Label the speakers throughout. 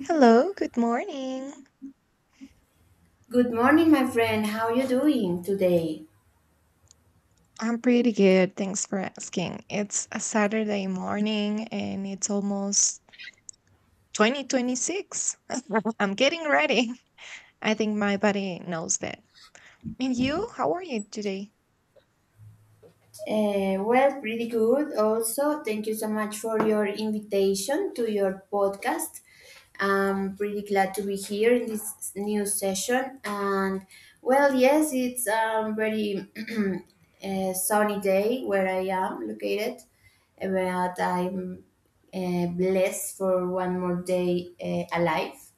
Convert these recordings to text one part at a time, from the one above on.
Speaker 1: Hello, good morning.
Speaker 2: Good morning, my friend. How you doing today?
Speaker 1: I'm pretty good, thanks for asking. It's a Saturday morning and it's almost 2026. I'm getting ready. I think my body knows that. And you, how are you today?
Speaker 2: Well, pretty good. Also, thank you so much for your invitation to your podcast. I'm pretty glad to be here in this new session. And well, yes, it's a very sunny day where I am located, but I'm blessed for one more day alive.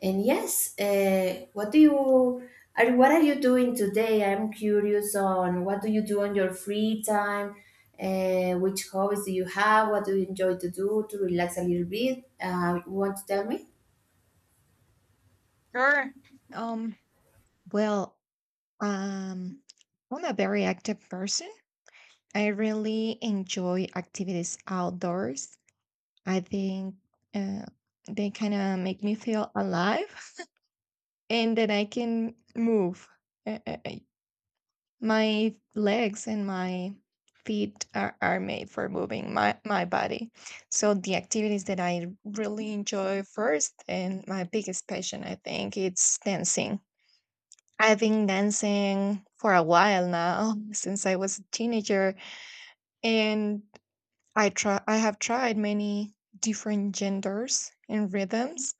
Speaker 2: And yes, what are you doing today? I'm curious on what do you do on your free time? Which hobbies do you have? What do you enjoy to do to relax a little bit? You want to tell me?
Speaker 1: Sure. Um, well, um, I'm a very active person. I really enjoy activities outdoors. I think uh, they kind of make me feel alive. And then I can move. Uh, uh, uh, My legs and my feet are made for moving my body. So the activities that I really enjoy first, and my biggest passion, I think, it's dancing. I've been dancing for a while now since I was a teenager, and I have tried many different genders and rhythms,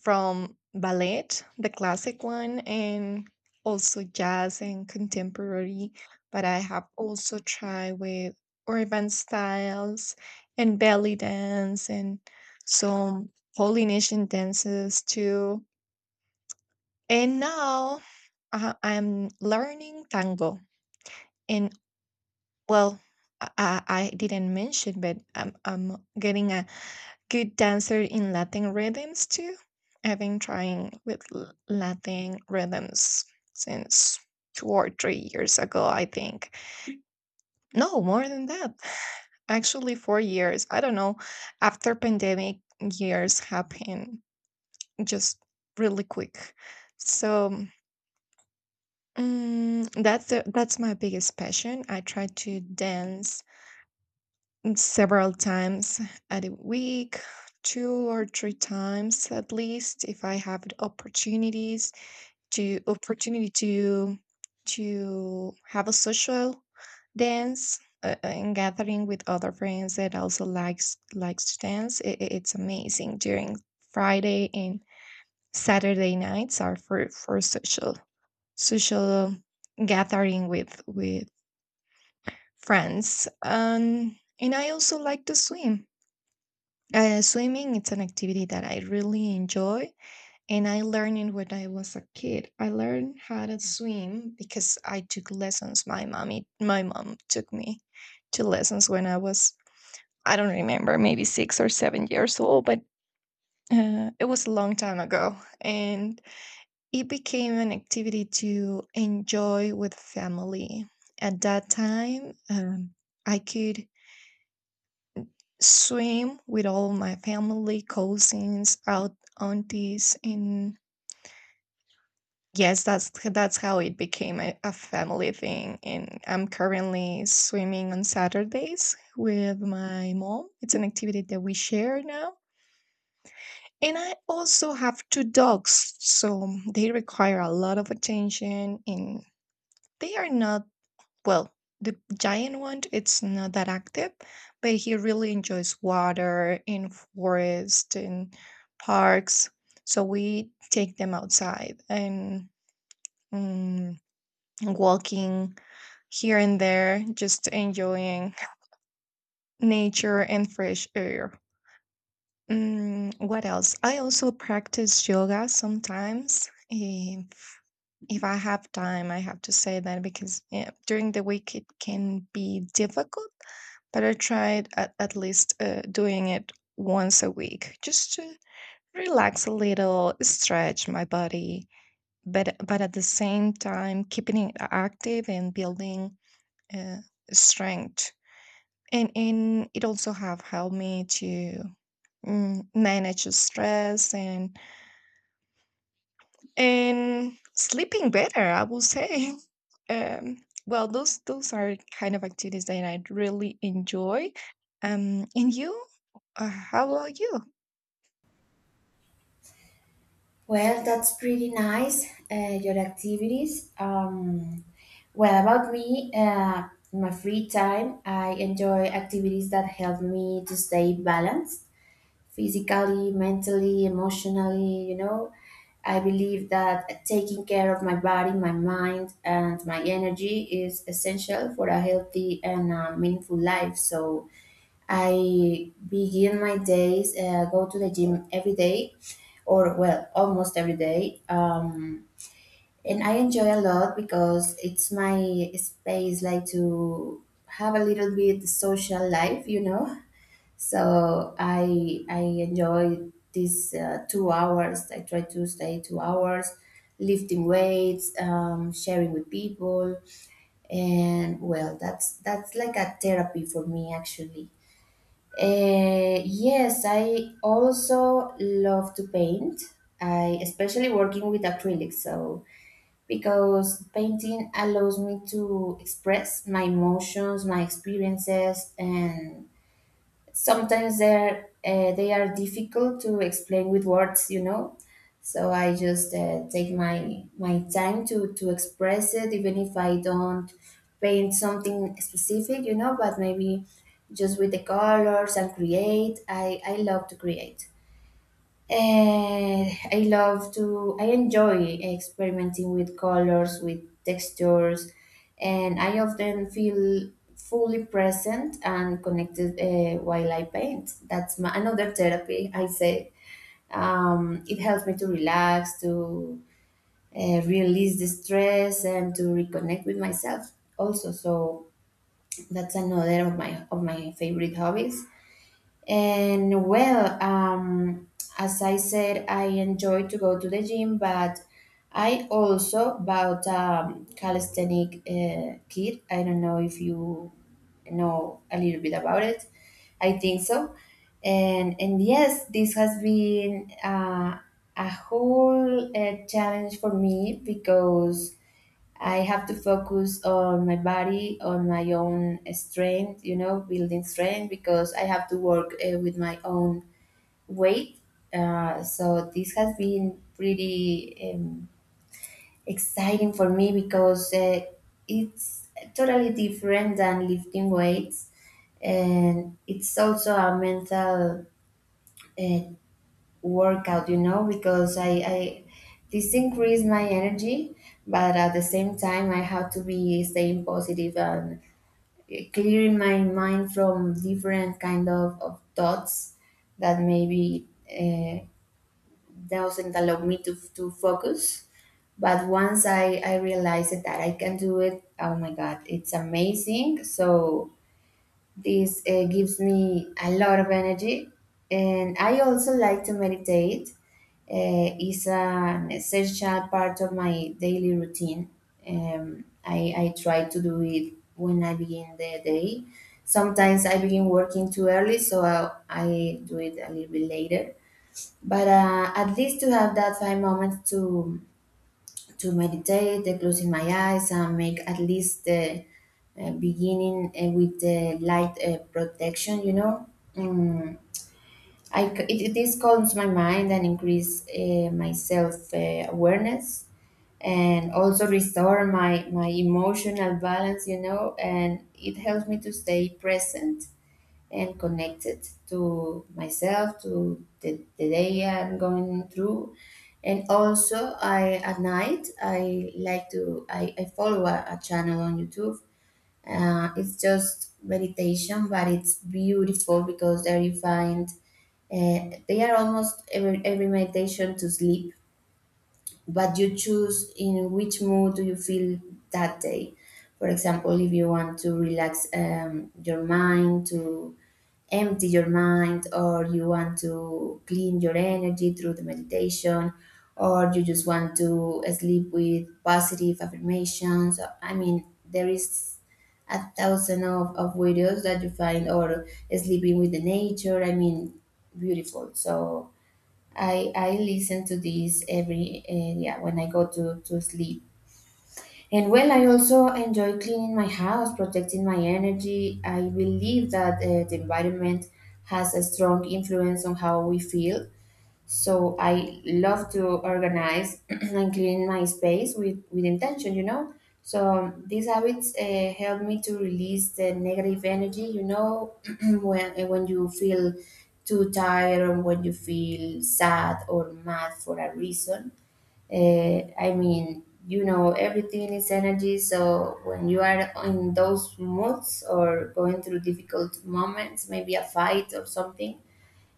Speaker 1: from ballet, the classic one, and also jazz and contemporary. But I have also tried with urban styles and belly dance and some Polynesian dances too. And now I'm learning tango. And well, I didn't mention, but I'm getting good dancer in Latin rhythms too. I've been trying with Latin rhythms since 2 or 3 years ago, I think. No, more than that. Actually, 4 years. I don't know. After pandemic, years happen just really quick. So that's my biggest passion. I try to dance several times at a week, two or three times at least, if I have the opportunities to opportunity to have a social dance and gathering with other friends that also likes to dance. It's amazing. During Friday and Saturday nights are for social gathering with friends. And I also like to swim. Swimming, it's an activity that I really enjoy, and I learned it when I was a kid. I learned how to swim because I took lessons. My mom took me to lessons when I was, I don't remember, maybe 6 or 7 years old, but it was a long time ago, and it became an activity to enjoy with family. At that time, I could swim with all my family, cousins, out aunties, and yes, that's how it became a family thing. And I'm currently swimming on Saturdays with my mom. It's an activity that we share now. And I also have two dogs, so they require a lot of attention, and they are not, well, the giant one, it's not that active, but he really enjoys water in forest and parks. So we take them outside and mm, walking here and there, just enjoying nature and fresh air. Mm, what else? I also practice yoga sometimes. If I have time, I have to say that, because yeah, during the week it can be difficult, but I tried at least doing it once a week, just to relax a little, stretch my body, but at the same time keeping it active and building uh, strength. And it also have helped me to manage the stress and sleeping better, I will say. Um, well, those are kind of activities that I really enjoy. And you? How about you?
Speaker 2: Well, that's pretty nice. Your activities. Well, about me, in my free time, I enjoy activities that help me to stay balanced physically, mentally, emotionally, you know. I believe that taking care of my body, my mind, and my energy is essential for a healthy and meaningful life. So I begin my days, go to the gym every day, or well, almost every day. And I enjoy a lot because it's my space, like to have a little bit social life, you know. So I enjoy these 2 hours. I try to stay 2 hours, lifting weights, sharing with people, and well, that's like a therapy for me actually. Yes, I also love to paint. I especially working with acrylic, so because painting allows me to express my emotions, my experiences, and sometimes they are difficult to explain with words, you know. So I just take my time to express it, even if I don't paint something specific, you know, but maybe just with the colors and create. I love to create. I love to, I enjoy experimenting with colors, with textures, and I often feel fully present and connected while I paint. That's my, another therapy, I say. It helps me to relax, to release the stress, and to reconnect with myself also. So that's another of my favorite hobbies. And well, as I said, I enjoy to go to the gym, but I also bought a calisthenic kit. I don't know if you know a little bit about it. I think so. And yes, this has been a whole challenge for me because I have to focus on my body, on my own strength, you know, building strength because I have to work with my own weight. So this has been pretty exciting for me because it's totally different than lifting weights, and it's also a mental uh, workout, you know, because I this increase my energy, but at the same time I have to be staying positive and clearing my mind from different kind of thoughts that maybe doesn't allow me to focus. But once I realized that I can do it, oh my God, it's amazing. So this gives me a lot of energy, and I also like to meditate. It's an essential part of my daily routine. I try to do it when I begin the day. Sometimes I begin working too early, so I do it a little bit later. But at least to have that five moments to meditate, closing my eyes, and make at least the beginning with the light protection, you know. Mm, I, c- it- this calms my mind and increase my self awareness and also restore my emotional balance, you know, and it helps me to stay present and connected to myself, to the day I'm going through. And also, I at night I like to I follow a channel on YouTube. It's just meditation, but it's beautiful because there you find they are almost every meditation to sleep, but you choose in which mood do you feel that day. For example, if you want to relax your mind, to empty your mind, or you want to clean your energy through the meditation, or you just want to sleep with positive affirmations. I mean, there is a thousand of videos that you find, or sleeping with the nature. I mean, beautiful. So I listen to this every yeah, when I go to sleep. And well, I also enjoy cleaning my house, protecting my energy. I believe that the environment has a strong influence on how we feel, so I love to organize and clean my space with intention, you know. So these habits help me to release the negative energy, you know, when you feel too tired or when you feel sad or mad for a reason. I mean, you know, everything is energy. So when you are in those moods or going through difficult moments, maybe a fight or something,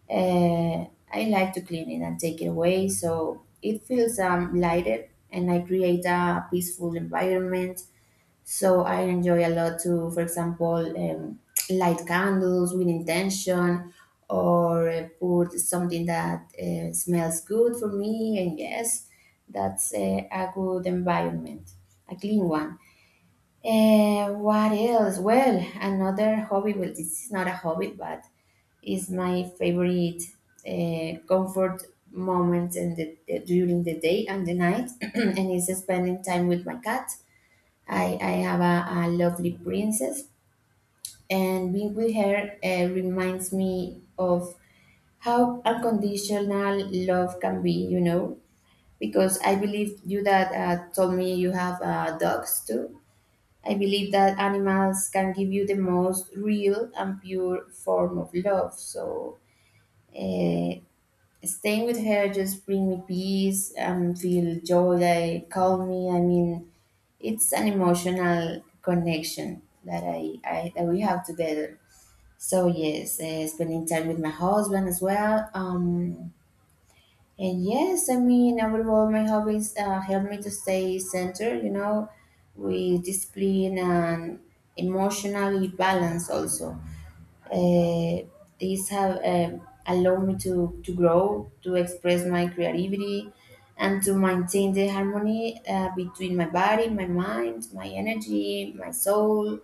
Speaker 2: uh, I like to clean it and take it away so it feels lighter and I create a peaceful environment. So I enjoy a lot to, for example, light candles with intention or put something that smells good for me. And yes, that's a good environment, a clean one. What else? Well, another hobby. Well, this is not a hobby, but is my favorite comfort moment in during the day and the night, and is spending time with my cat. I have a lovely princess, and being with her reminds me of how unconditional love can be, you know, because I believe you that told me you have dogs too. I believe that animals can give you the most real and pure form of love. So, uh, staying with her just bring me peace and feel joy. They calm me. I mean, it's an emotional connection that I that we have together. So yes, spending time with my husband as well. And yes, I mean, I would all my hobbies help me to stay centered, you know, with discipline and emotionally balance also. Uh, these have allowed me to grow, to express my creativity, and to maintain the harmony between my body, my mind, my energy, my soul,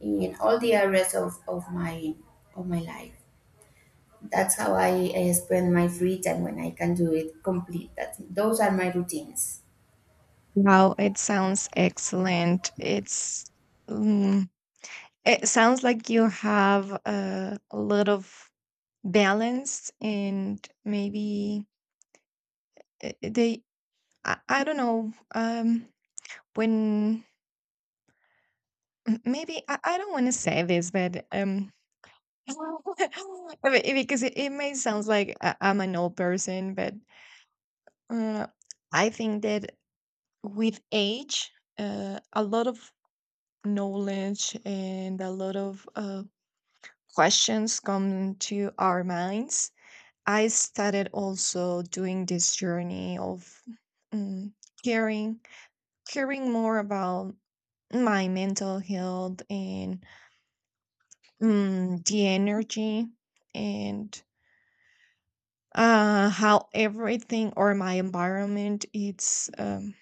Speaker 2: in all the areas of my life. That's how I spend my free time when I can do it complete. That's, those are my routines.
Speaker 1: Wow, it sounds excellent. It's mm, it sounds like you have a lot of balance, and maybe they I don't know, when, maybe I don't want to say this, but because it may sound like I'm an old person, but uh, I think that with age a lot of knowledge and a lot of questions come to our minds. I started also doing this journey of mm, caring, caring more about my mental health and the energy and how everything or my environment,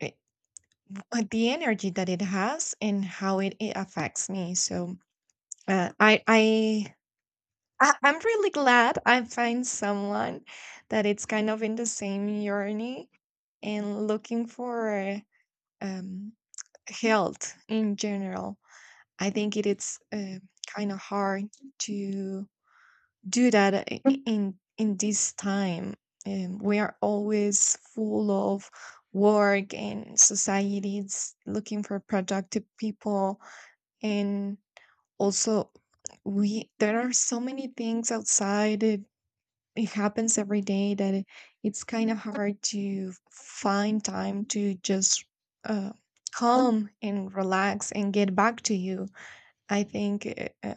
Speaker 1: it, the energy that it has and how it affects me. So uh, I I I'm really glad I find someone that it's kind of in the same journey and looking for um, health in general. I think it is kind of hard to do that in this time. We are always full of work, and societies looking for productive people, and also we there are so many things outside it happens every day that it's kind of hard to find time to just uh, calm and relax and get back to you. I think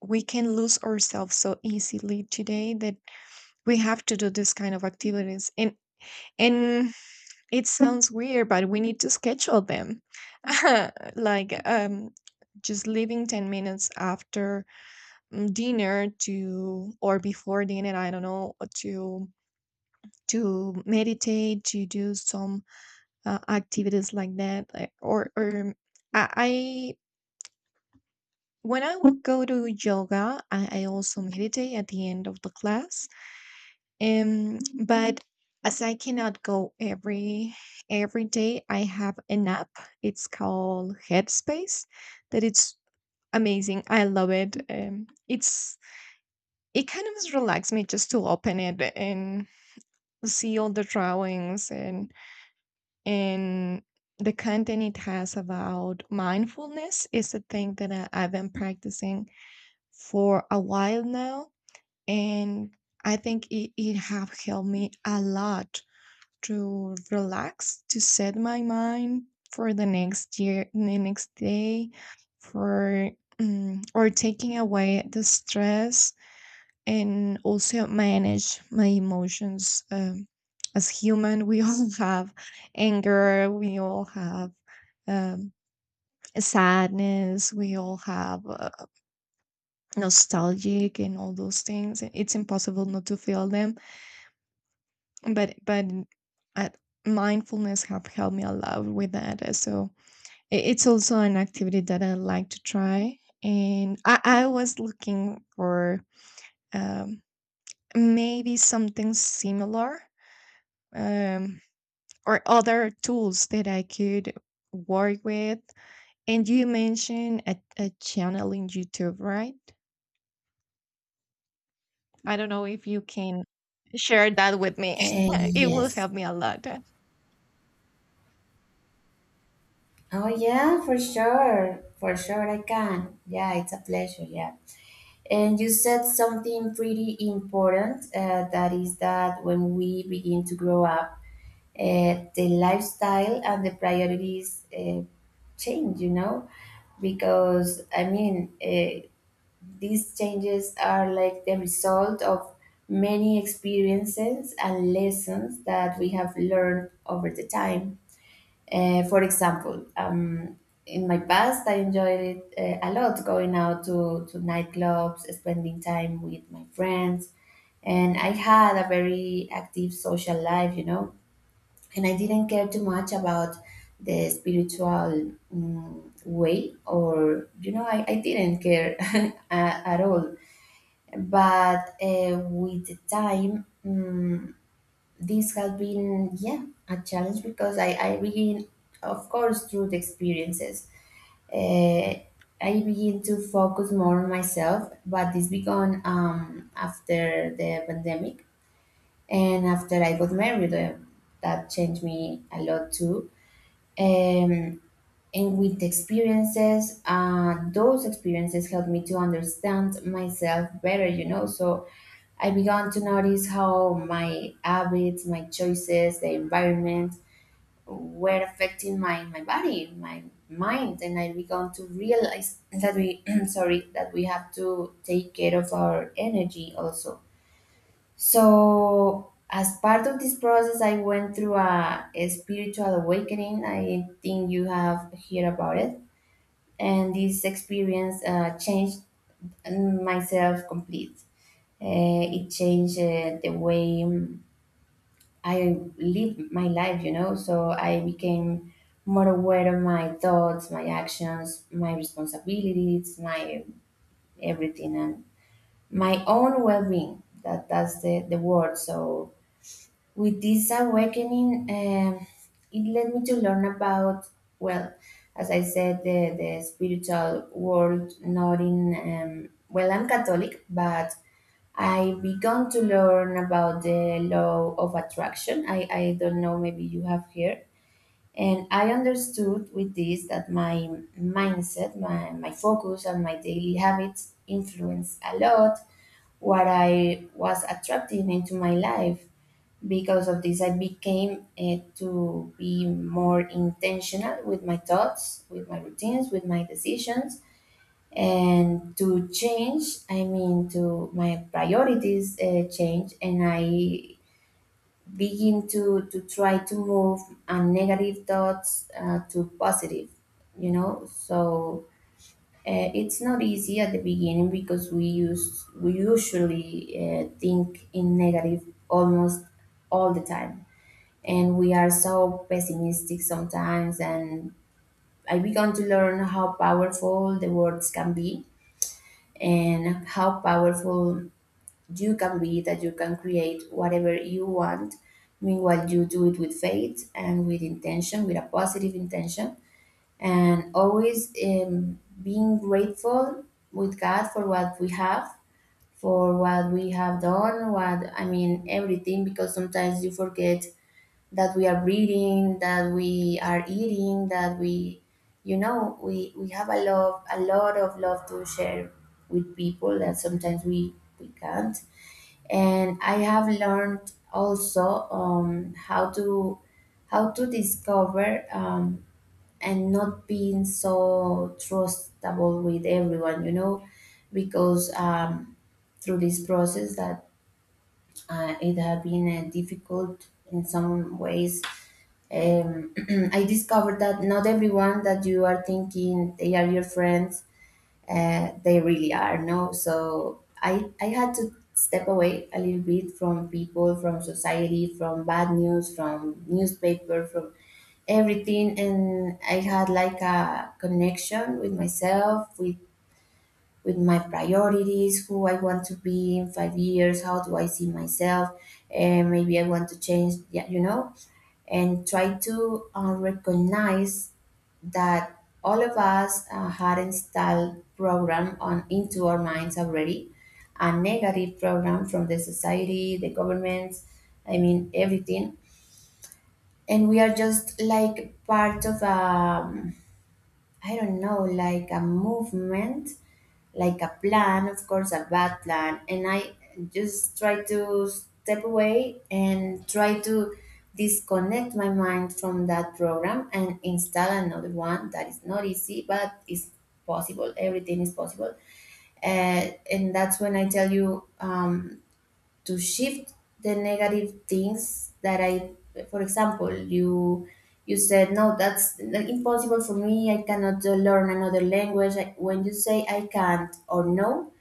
Speaker 1: we can lose ourselves so easily today that we have to do this kind of activities. And and it sounds weird, but we need to schedule them. Like just leaving 10 minutes after dinner, to or before dinner, I don't know, to meditate, to do some activities like that. Or, I when I would go to yoga, I also meditate at the end of the class. Um, but as I cannot go every day, I have an app. It's called Headspace. That it's amazing. I love it. It kind of relaxes me just to open it and see all the drawings and and the content it has about mindfulness, is a thing that I've been practicing for a while now, and I think it have helped me a lot to relax, to set my mind for the next year, the next day, for or taking away the stress, and also manage my emotions. As human, we all have anger, we all have um, sadness, we all have nostalgic, and all those things, it's impossible not to feel them. But at mindfulness have helped me a lot with that. So it's also an activity that I like to try, and I was looking for um, maybe something similar, um, or other tools that I could work with. And you mentioned a channel in YouTube, right? I don't know if you can share that with me.
Speaker 2: Eh,
Speaker 1: It will
Speaker 2: yes.
Speaker 1: help me a lot. That
Speaker 2: Oh, yeah, for sure. For sure, I can. Yeah, it's a pleasure. Yeah. And you said something pretty important that is that when we begin to grow up, the lifestyle and the priorities change, you know? Because, I mean, these changes are like the result of many experiences and lessons that we have learned over the time. For example, in my past, I enjoyed it a lot going out to nightclubs, spending time with my friends, and I had a very active social life, you know, and I didn't care too much about the spiritual way, or, you know, I didn't care at all, but with the time, this has been, yeah, a challenge because I begin, of course, through the experiences, uh, I begin to focus more on myself, but this began after the pandemic and after I got married, that changed me a lot too. um, and with the experiences, those experiences helped me to understand myself better, you know. So I began to notice how my habits, my choices, the environment were affecting my body, my mind, and I began to realize that we sorry that we have to take care of our energy also. So as part of this process, I went through a spiritual awakening. I think you have heard about it, and this experience changed myself complete. It changed the way I live my life, you know, so I became more aware of my thoughts, my actions, my responsibilities, my everything, and my own well being. That, that's the word. So, with this awakening, it led me to learn about, well, as I said, the spiritual world, not in, well, I'm Catholic, but I began to learn about the law of attraction. I don't know, maybe you have here. And I understood with this that my mindset, my focus, and my daily habits influence a lot what I was attracting into my life. Because of this, I became to be more intentional with my thoughts, with my routines, with my decisions, and to change, I mean to my priorities change. And I begin to try to move negative thoughts to positive, so it's not easy at the beginning because we usually think in negative almost all the time, and we are so pessimistic sometimes. And I began to learn how powerful the words can be, and how powerful you can be, that you can create whatever you want. Meanwhile, you do it with faith and with intention, with a positive intention, and always being grateful with God for what we have, for what we have done, what I mean, everything, because sometimes you forget that we are breathing, that we are eating, that we, you know, we have a lot of love to share with people that sometimes we can't. And I have learned also how to, how to discover, and not being so trustable with everyone, you know, because through this process that it had been difficult in some ways. um, I discovered that not everyone that you are thinking they are your friends, they really are, no? So I had to step away a little bit from people, from society, from bad news, from newspaper, from everything. And I had like a connection with myself, with my priorities, who I want to be in 5 years, how do I see myself, and maybe I want to change, yeah, you know. And try to recognize that all of us had installed program on into our minds already, a negative program from the society, the governments, I mean everything. And we are just like part of a, I don't know, like a movement, like a plan, of course, a bad plan. And I just try to step away and try to disconnect my mind from that program and install another one. That is not easy, but it's possible. Everything is possible. And that's when I tell you, to shift the negative things that I, for example, you said no, that's impossible for me, I cannot learn another language. When you say I can't or no,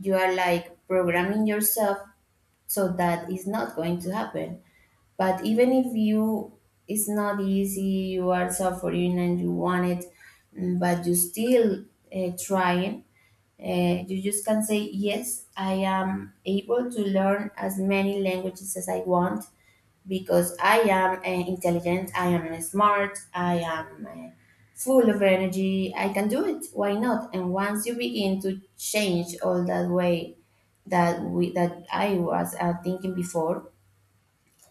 Speaker 2: you are like programming yourself so that it's not going to happen. But even if you, it's not easy, you are suffering and you want it, but you still trying, you just can say yes, I am able to learn as many languages as I want, because I am intelligent, I am smart, I am full of energy. I can do it. Why not? And once you begin to change all that way that we that I was thinking before,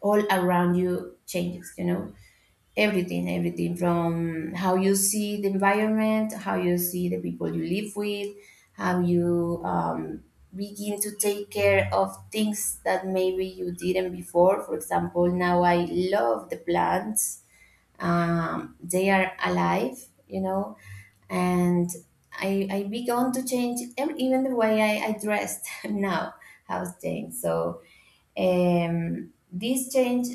Speaker 2: all around you changes. You know. Everything, everything, from how you see the environment, how you see the people you live with, how you begin to take care of things that maybe you didn't before. For example, now I love the plants. They are alive, you know, and I began to change, even the way I dressed now has changed. So this change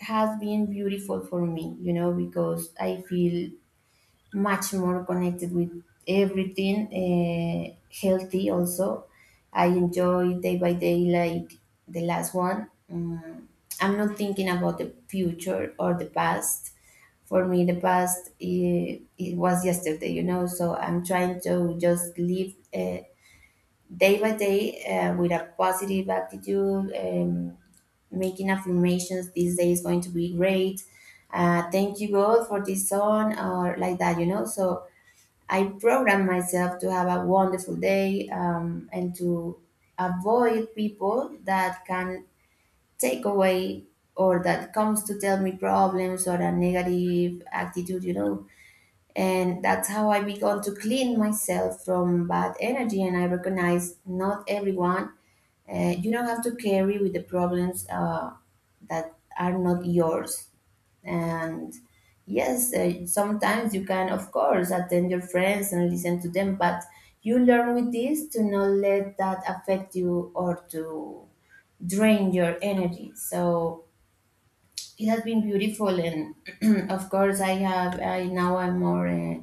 Speaker 2: has been beautiful for me, you know, because I feel much more connected with everything, healthy also. I enjoy day by day, like the last one. Mm, I'm not thinking about the future or the past. For me, the past, it was yesterday, you know. So I'm trying to just live day by day with a positive attitude. Making affirmations, this day is going to be great, thank you, God, for this song or like that, you know. So I program myself to have a wonderful day, and to avoid people that can take away, or that comes to tell me problems or a negative attitude, you know. And that's how I began to clean myself from bad energy. And I recognize not everyone, you don't have to carry with the problems that are not yours. And yes, sometimes you can, of course, attend your friends and listen to them, but you learn with this to not let that affect you or to drain your energy. So it has been beautiful. And of course, I have. I now I'm more.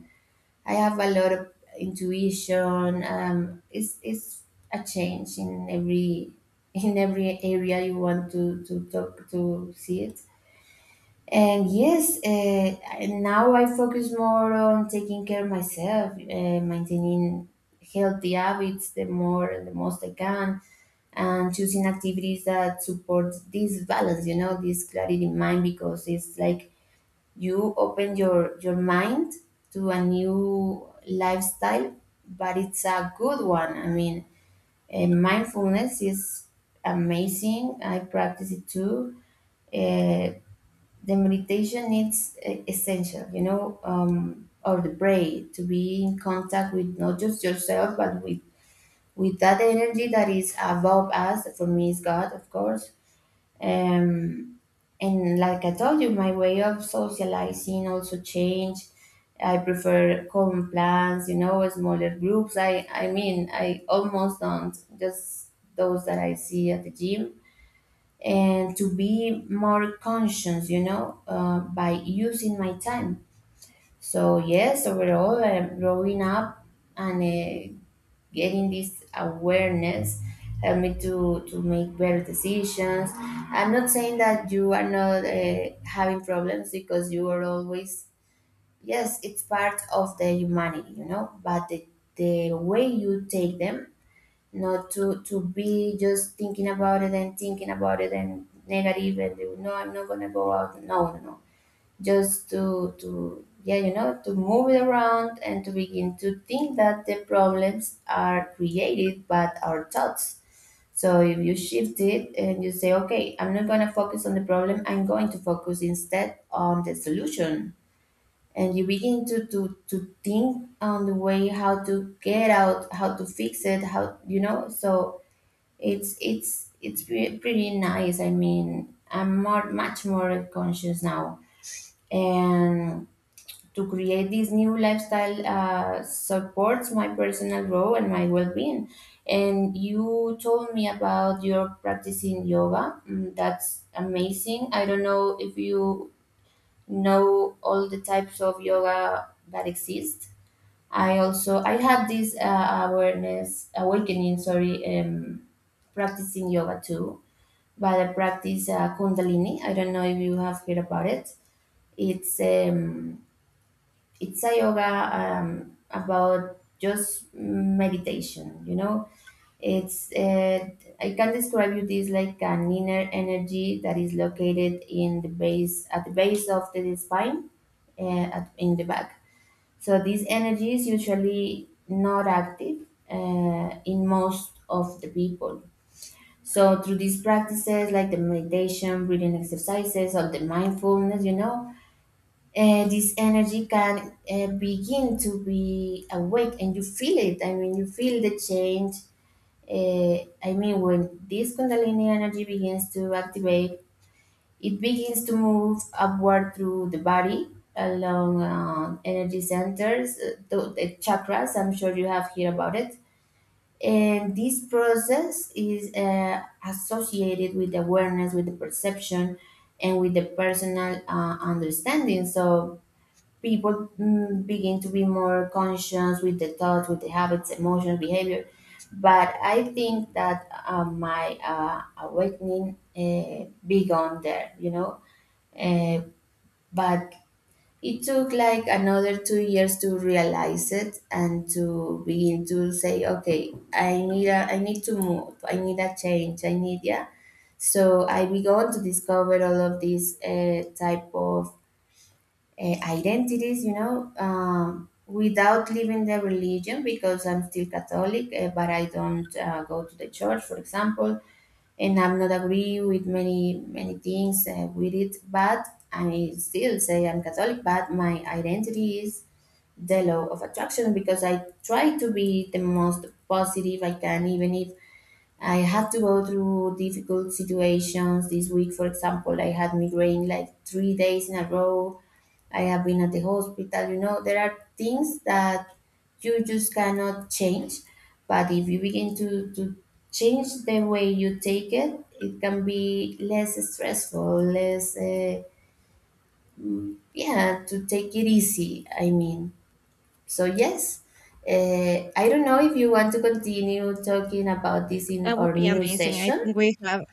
Speaker 2: I have a lot of intuition. It's a change in every in every area you want to talk, to see it. And yes, and now I focus more on taking care of myself, maintaining healthy habits the more and the most I can, and choosing activities that support this balance. You know, this clarity in mind, because it's like you open your mind to a new lifestyle, but it's a good one. I mean, mindfulness is amazing, I practice it too. Uh, the meditation is essential, you know, or the brain to be in contact with not just yourself, but with that energy that is above us. For me is God, of course. Um, and like I told you, my way of socializing also changed. I prefer common plans, you know, smaller groups. I mean, I almost don't, just those that I see at the gym. And to be more conscious, you know, by using my time. So, yes, overall, I'm growing up, and getting this awareness helped me to make better decisions. I'm not saying that you are not having problems, because you are always, yes, it's part of the humanity, you know. But the way you take them, not to, to be just thinking about it and thinking about it and negative and no, I'm not gonna go out, no, no, no. Just to, yeah, you know, to move it around and to begin to think that the problems are created by our thoughts. So if you shift it and you say, okay, I'm not going to focus on the problem, I'm going to focus instead on the solution, and you begin to think on the way how to get out, how to fix it, how, you know. So it's pretty, pretty nice. I mean, I'm more much more conscious now. And to create this new lifestyle supports my personal growth and my well-being. And you told me about your practicing yoga. Mm, that's amazing. I don't know if you know all the types of yoga that exist. I also I had this awareness awakening, sorry, practicing yoga too. But I practice kundalini. I don't know if you have heard about it. It's it's a yoga, about just meditation, you know. It's I can describe you this like an inner energy that is located in the base, at the base of the spine, at, in the back. So this energy is usually not active, in most of the people. So through these practices, like the meditation, breathing exercises, or the mindfulness, you know, this energy can begin to be awake and you feel it. I mean, you feel the change. I mean, when this Kundalini energy begins to activate, it begins to move upward through the body along energy centers, the chakras. I'm sure you have heard about it. And this process is associated with awareness, with the perception, and with the personal understanding. So, people mm, begin to be more conscious with the thoughts, with the habits, emotions, behavior. But I think that my awakening began there, you know. Uh, but it took like another 2 years to realize it and to begin to say, okay, I need a, I need to move, I need a change, I need, yeah. So I began to discover all of these type of identities, you know, without leaving the religion, because I'm still Catholic, but I don't go to the church, for example, and I'm not agree with many, many things with it. But I still say I'm Catholic, but my identity is the law of attraction, because I try to be the most positive I can, even if I had to go through difficult situations this week. For example, I had migraine like 3 days in a row, I have been at the hospital. You know, there are things that you just cannot change. But if you begin to change the way you take it, it can be less stressful, less, yeah, to take it easy. I mean, so yes, I don't know if you want to continue talking about this in
Speaker 1: would
Speaker 2: our
Speaker 1: be
Speaker 2: new
Speaker 1: amazing. I
Speaker 2: session,
Speaker 1: think we have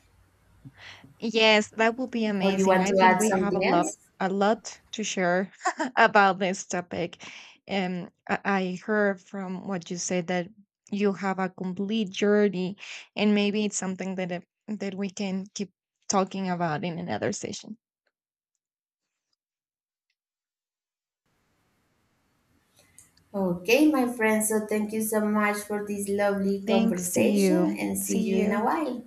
Speaker 1: Yes, that would be
Speaker 2: or you
Speaker 1: amazing.
Speaker 2: want
Speaker 1: I
Speaker 2: to add
Speaker 1: think we have
Speaker 2: something else.
Speaker 1: a lot to share about this topic. I heard from what you said that you have a complete journey, and maybe it's something that that we can keep talking about in another session.
Speaker 2: Okay, my friend. So thank you so much for this lovely
Speaker 1: Thanks to
Speaker 2: conversation,
Speaker 1: you.
Speaker 2: and see
Speaker 1: See
Speaker 2: you in a
Speaker 1: you.
Speaker 2: while.